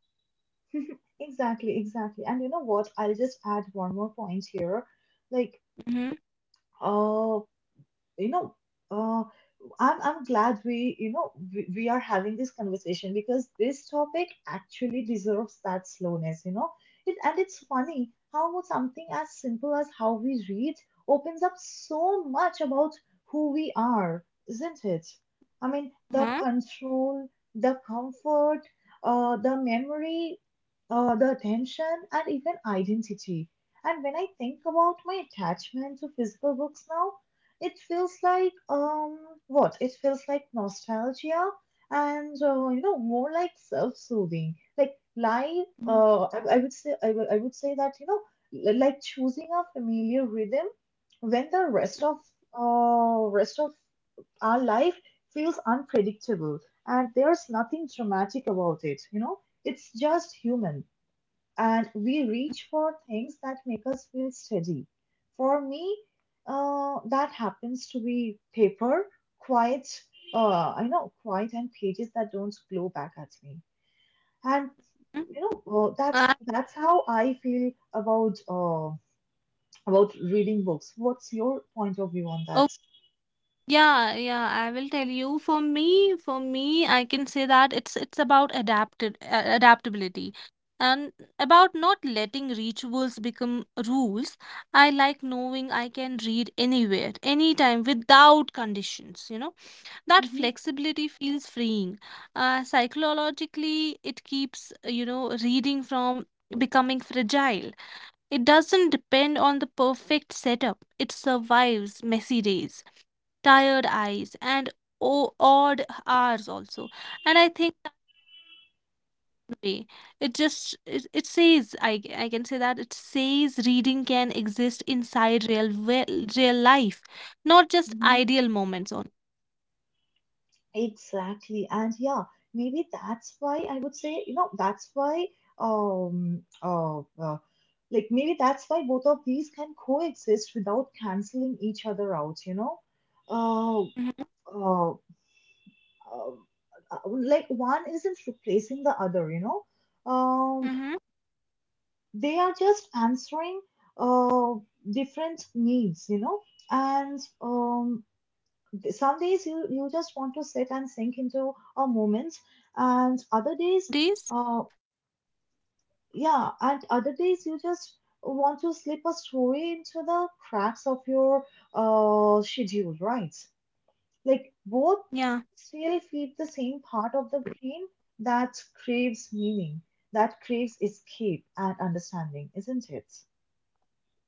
Speaker 1: exactly. And you know what? I'll just add one more point here. Like,
Speaker 2: Mm-hmm.
Speaker 1: uh, you know, uh, I'm glad we, you know, we are having this conversation, because this topic actually deserves that slowness, you know. And it's funny how something as simple as how we read opens up so much about who we are, isn't it? I mean, the
Speaker 2: Hmm,
Speaker 1: control, the comfort, the memory, the attention, and even identity. And when I think about my attachment to physical books now, it feels like, um, what? It feels like nostalgia and, you know, more like self-soothing. Like life,
Speaker 2: hmm.
Speaker 1: I would say that, you know, like choosing a familiar rhythm when the rest of our life feels unpredictable. And there's nothing dramatic about it. You know, it's just human, and we reach for things that make us feel steady. For me, that happens to be paper, quiet, quiet and pages that don't blow back at me. And you know,
Speaker 2: Uh,
Speaker 1: that's how I feel about, about reading books. What's your point of view on that?
Speaker 2: oh yeah, yeah, I will tell you, for me, for me, I can say that it's about adapted adaptability, and about not letting rituals become rules. I like knowing I can read anywhere, anytime, without conditions, you know. That
Speaker 1: Hmm.
Speaker 2: flexibility feels freeing. Uh, psychologically it keeps you know, reading from becoming fragile. It doesn't depend on the perfect setup. It survives messy days, tired eyes and odd hours also. And I think that way, it says I can say that it says reading can exist inside real life, not just
Speaker 1: Hmm.
Speaker 2: ideal moments on.
Speaker 1: Exactly. And yeah, maybe that's why I would say, you know, that's why, um uh, uh, like maybe that's why both of these can coexist without canceling each other out, you know? Uh,
Speaker 2: Mm-hmm,
Speaker 1: uh, uh, like one isn't replacing the other, you know? Um,
Speaker 2: mm-hmm,
Speaker 1: they are just answering, uh, different needs, you know? And some days you, you just want to sit and sink into a moment,
Speaker 2: mm-hmm.
Speaker 1: and other
Speaker 2: Some
Speaker 1: days,
Speaker 2: days.
Speaker 1: uh, yeah, and other days you just want to slip a story into the cracks of your, schedule, right? Like,
Speaker 2: Yeah.
Speaker 1: both still feed the same part of the brain that craves meaning, that craves escape and understanding, isn't it?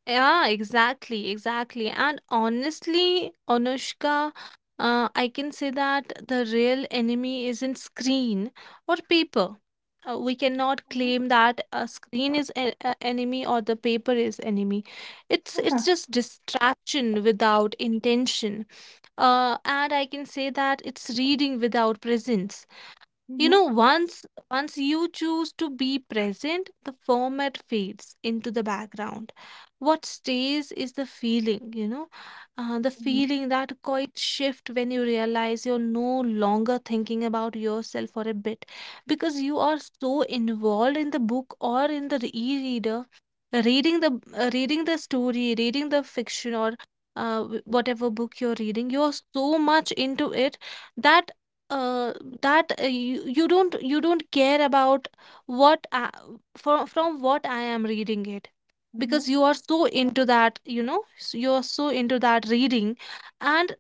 Speaker 2: Yeah, exactly, exactly. And honestly, Anushka, I can say that the real enemy isn't screen or paper. We cannot claim that a screen is enemy or the paper is enemy. It's just distraction without intention. And I can say that it's reading without presence. You
Speaker 1: Mhm.
Speaker 2: know, once you choose to be present, the format fades into the background. What stays is the feeling, you know, the
Speaker 1: Hmm. Hmm.
Speaker 2: feeling, that quiet shift when you realize you're no longer thinking about yourself for a bit, because you are so involved in the book or in the e-reader, reading the story, reading the fiction, or whatever book you're reading, you're so much into it that uh, you don't care about what I, from what I am reading it,
Speaker 1: Hmm.
Speaker 2: because you are so into that, you know, you are so into that reading. And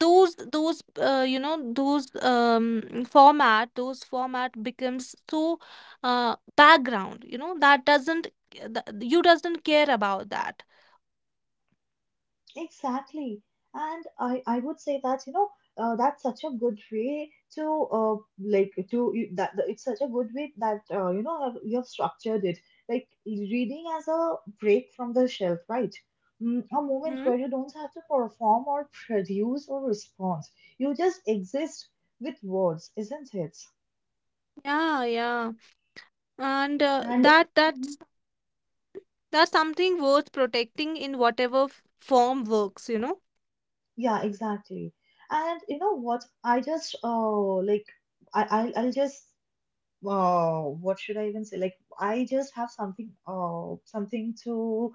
Speaker 2: those you know, those format, those format becomes so background, you know, that doesn't that, you doesn't care about that.
Speaker 1: Exactly. And I would say that, you know, that's such a good way to like to you- that that- it's such a good way that you know you have structured it like reading as a break from the shelf, right? Mm, a moment
Speaker 2: Hmm.
Speaker 1: where you don't have to perform or produce or respond. You just exist with words, isn't it?
Speaker 2: Yeah, yeah, and uh,
Speaker 1: And
Speaker 2: that
Speaker 1: mhm,
Speaker 2: that that's something worth protecting in whatever form works, you know?
Speaker 1: yeah, exactly. And you know what? I just I'll just what should I even say? Like, I just have something, something to,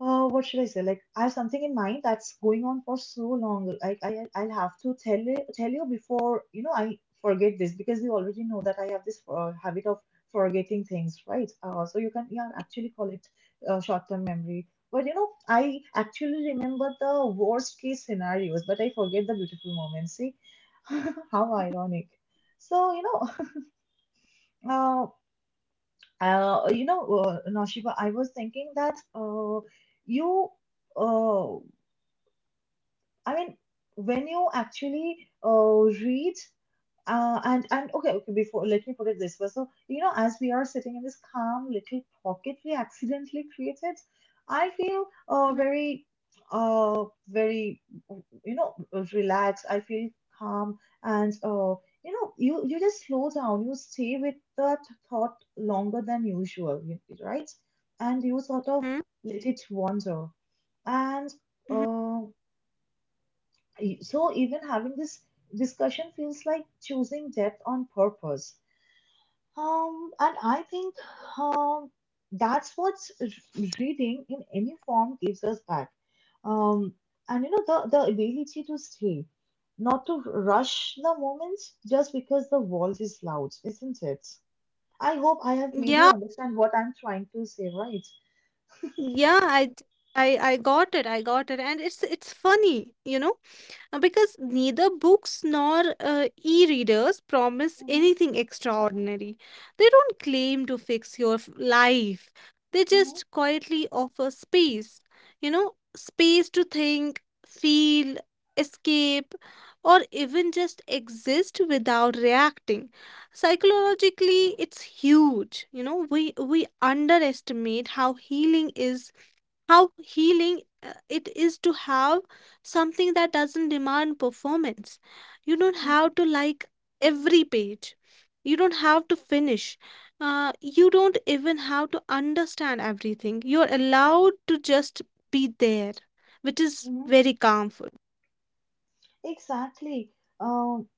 Speaker 1: what should I say? Like, I have something in mind that's going on for so long. Like, I, I'll have to tell you before, you know, I forget this because you already know that I have this habit of forgetting things, right? So you can, yeah, actually call it short-term memory. But you know, I actually remember the worst-case scenarios, but I forget the beautiful moments. See, how ironic. So, you know. uh, you know, Naushiba, I was thinking that you, uh, I mean, when you actually read and okay, okay. Before let me put it this way. So you know, as we are sitting in this calm little pocket we accidentally created, I feel
Speaker 2: Mhm,
Speaker 1: very very you know relaxed. I feel calm, and you know you just slow down. You stay with that thought longer than right? And you sort of
Speaker 2: mhm,
Speaker 1: let it wander. And
Speaker 2: mhm.
Speaker 1: uh, so even having this discussion feels like choosing depth on purpose. And I think um, that's what reading in any form gives us back. Um, and you know the ability to stay, not to rush the moment just because the world is loud, isn't it? I hope I have made
Speaker 2: Yeah,
Speaker 1: you understand what I'm trying to say, right?
Speaker 2: yeah, I got it, and it's funny, you know. Because neither books nor e-readers promise
Speaker 1: Mm-hmm,
Speaker 2: anything extraordinary. They don't claim to fix your life. They
Speaker 1: mm-hmm,
Speaker 2: just quietly offer space, you know, space to think, feel, escape, or even just exist without reacting. Psychologically, it's huge. You know, we underestimate how healing is how healing it is to have something that doesn't demand performance. You don't
Speaker 1: mm-hmm,
Speaker 2: have to like every page. You don't have to finish. Uh, you don't even have to understand everything. You're allowed to just be there, which is
Speaker 1: mm-hmm.
Speaker 2: very calmful.
Speaker 1: Exactly. Um,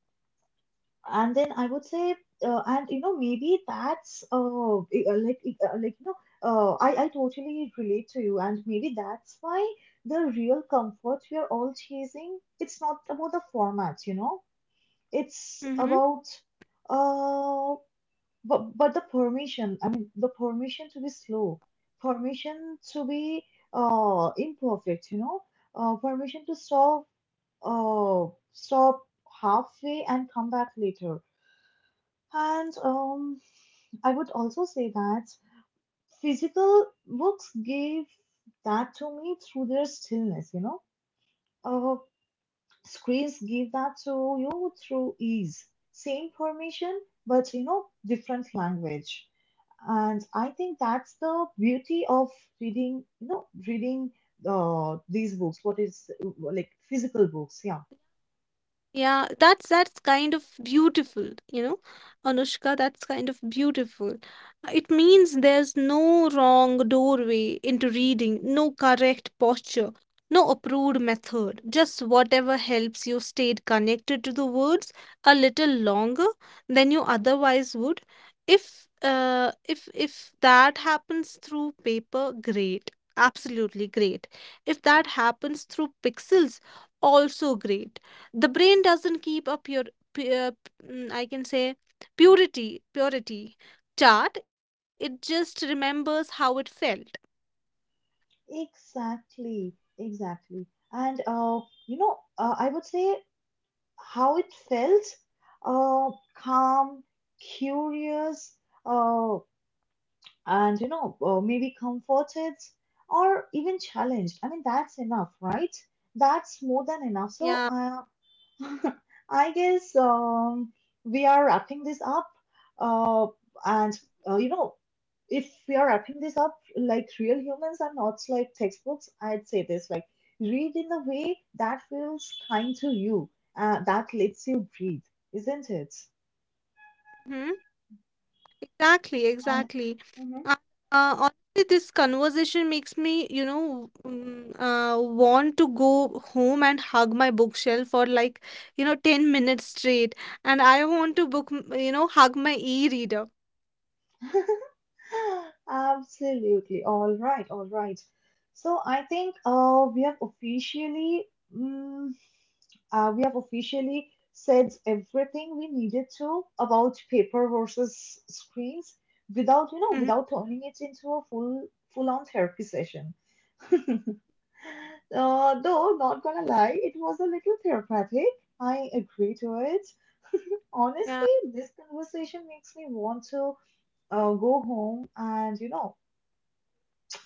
Speaker 1: and then I would say, and you know, maybe that's I- like I- like you know, I totally relate to you, and maybe that's why the real comfort we are all chasing, it's not about the format, you know, it's
Speaker 2: Mm-hmm.
Speaker 1: about uh, but the permission. I mean, the permission to be slow, permission to be imperfect, you know, permission to uh stop halfway and come back later and I would also say that physical books gave that to me through their stillness, you know. Uh, Screens give
Speaker 2: Mm-hmm.
Speaker 1: that to you through ease. Same permission, but you know, different language. And I think that's the beauty of reading, you know, reading these books, what is like physical books, yeah.
Speaker 2: Yeah, that's kind of beautiful, you know, Anushka, that's kind of beautiful. It means there's no wrong doorway into reading, no correct posture, no approved method, just whatever helps you stay connected to the words a little longer than you otherwise would. If that happens through paper, great. Absolutely great. If that happens through pixels, also great. The brain doesn't keep a pure pu- mm, I can say purity purity chart. It just remembers how it felt.
Speaker 1: Exactly, exactly. And you know, I would say how it felt, calm, curious, uh, and you know, maybe comforted or even challenged. I mean, that's enough, right? That's more than enough.
Speaker 2: Yeah.
Speaker 1: So, I guess we are wrapping this up. Uh, and, you know, if we are wrapping this up like real humans are not like textbooks, I'd say this like, read in a way that feels kind to you, that lets you breathe, isn't it?
Speaker 2: Hmm. Exactly,
Speaker 1: And
Speaker 2: exactly.
Speaker 1: mhm.
Speaker 2: uh, Honestly, this conversation makes me, you know, want to go home and hug my bookshelf for like, you know, 10 minutes straight. And I want to you know, hug my e-reader.
Speaker 1: Absolutely. All right. All right. So I think we have officially. Mm. We have officially said everything we needed to about paper versus screens without, you know,
Speaker 2: Mhm.
Speaker 1: without turning it into a full-on therapy session. Though, not gonna lie, it was a little therapeutic. I agree to it. Honestly,
Speaker 2: Yeah.
Speaker 1: this conversation makes me want to go home and, you know,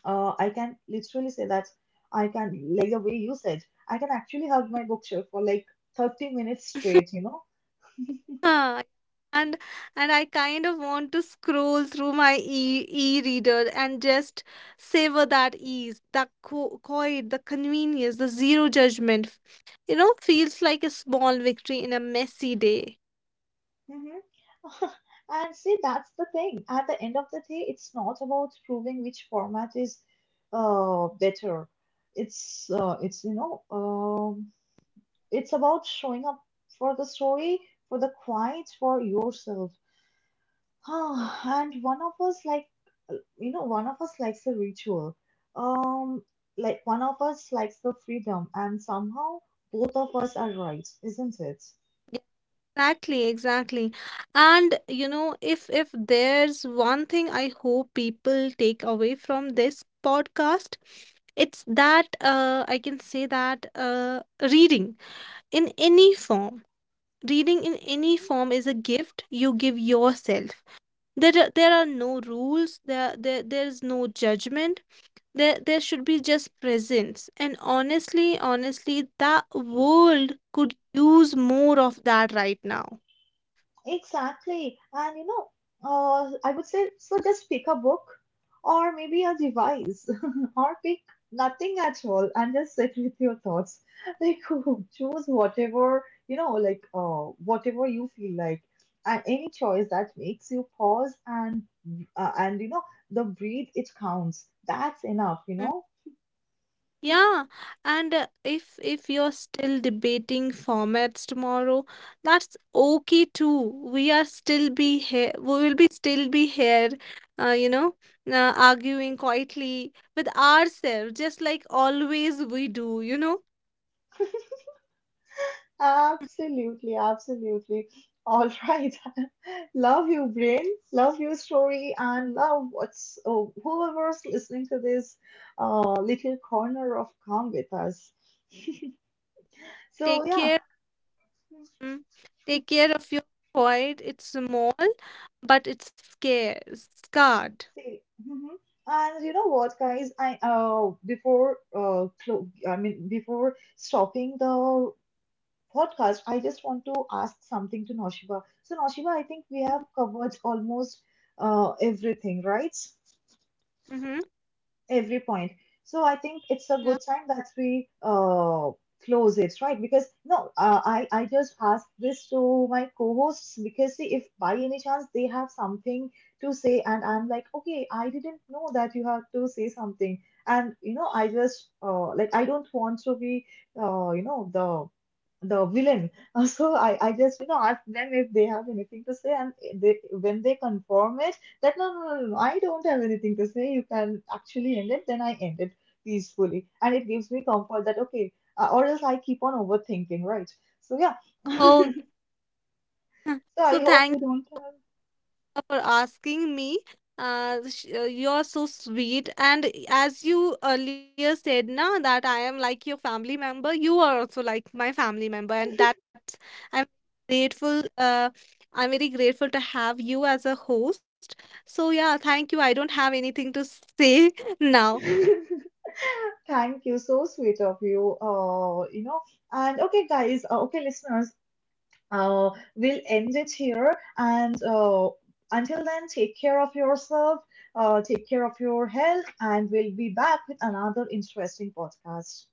Speaker 1: I can literally say that I can, like the way you said, I can actually hug my bookshelf for like 30 minutes straight, you know?
Speaker 2: Huh, and and I kind of want to scroll through my e e-reader and just savor that ease, the co quiet, the convenience, the zero judgment. You know, feels like a small victory in a messy day.
Speaker 1: hmm And see, that's the thing. At the end of the day, it's not about proving which format is better. It's you know it's about showing up for the story, for the quiet, for yourself. Oh, and one of us like you know one of us likes the ritual um like one of us likes the freedom and somehow both of us are right, isn't it?
Speaker 2: Exactly, exactly. And you know, if there's one thing I hope people take away from this podcast, it's that I can say that reading in any form Reading in any form is a gift you give yourself. There are no rules. There's no judgment. There should be just presence. And honestly, honestly, the world could use more of that right now.
Speaker 1: Exactly. And you know, I would say so just pick a book or maybe a device or pick nothing at all and just sit with your thoughts. Like choose whatever, you know, whatever you feel like. And any choice that makes you pause and you know the breathe, it counts. That's enough, you
Speaker 2: Mm-hmm.
Speaker 1: know.
Speaker 2: Yeah, and if you're still debating formats tomorrow, that's okay too. We are still be here. We will be still be here, you know, arguing quietly with ourselves, just like always we do. You know,
Speaker 1: Absolutely, absolutely. All right. Love you, brain. Love your story, and love whoever's listening to this little corner of calm with us. So
Speaker 2: take
Speaker 1: yeah,
Speaker 2: care, mm, take care of your void. It's small, but scarred.
Speaker 1: see. Mhm. And you know what, guys? I mean before stopping the podcast, I just want to ask something to Noshiba. So Noshiba, I think we have covered almost everything, right?
Speaker 2: Mm-hmm.
Speaker 1: Every point. So I think it's a
Speaker 2: Yeah.
Speaker 1: good time that we close it, right? Because no, I just asked this to my co-hosts because see if by any chance they have something to say, and I'm like, okay, I didn't know that you have to say something, and you know, I just I don't want to be you know the villain. So I just you know ask them if they have anything to say, and they when they confirm it that no, no, no, no, no, I don't have anything to say. You can actually end it. Then I end it peacefully, and it gives me comfort that okay, or else I keep on overthinking, right? So yeah. So
Speaker 2: Okay.
Speaker 1: I
Speaker 2: So
Speaker 1: hope
Speaker 2: thank
Speaker 1: you don't
Speaker 2: for asking me. You're so sweet, and as you earlier said, now that I am like your family member, you are also like my family member, and that's I'm grateful. I'm very grateful to have you as a host. So yeah, thank you. I don't have anything to say now.
Speaker 1: have. Thank you, so sweet of you. You know, and okay, guys, okay, listeners, uh, we'll end it here. And until then, take care of yourself, take care of your health, and we'll be back with another interesting podcast.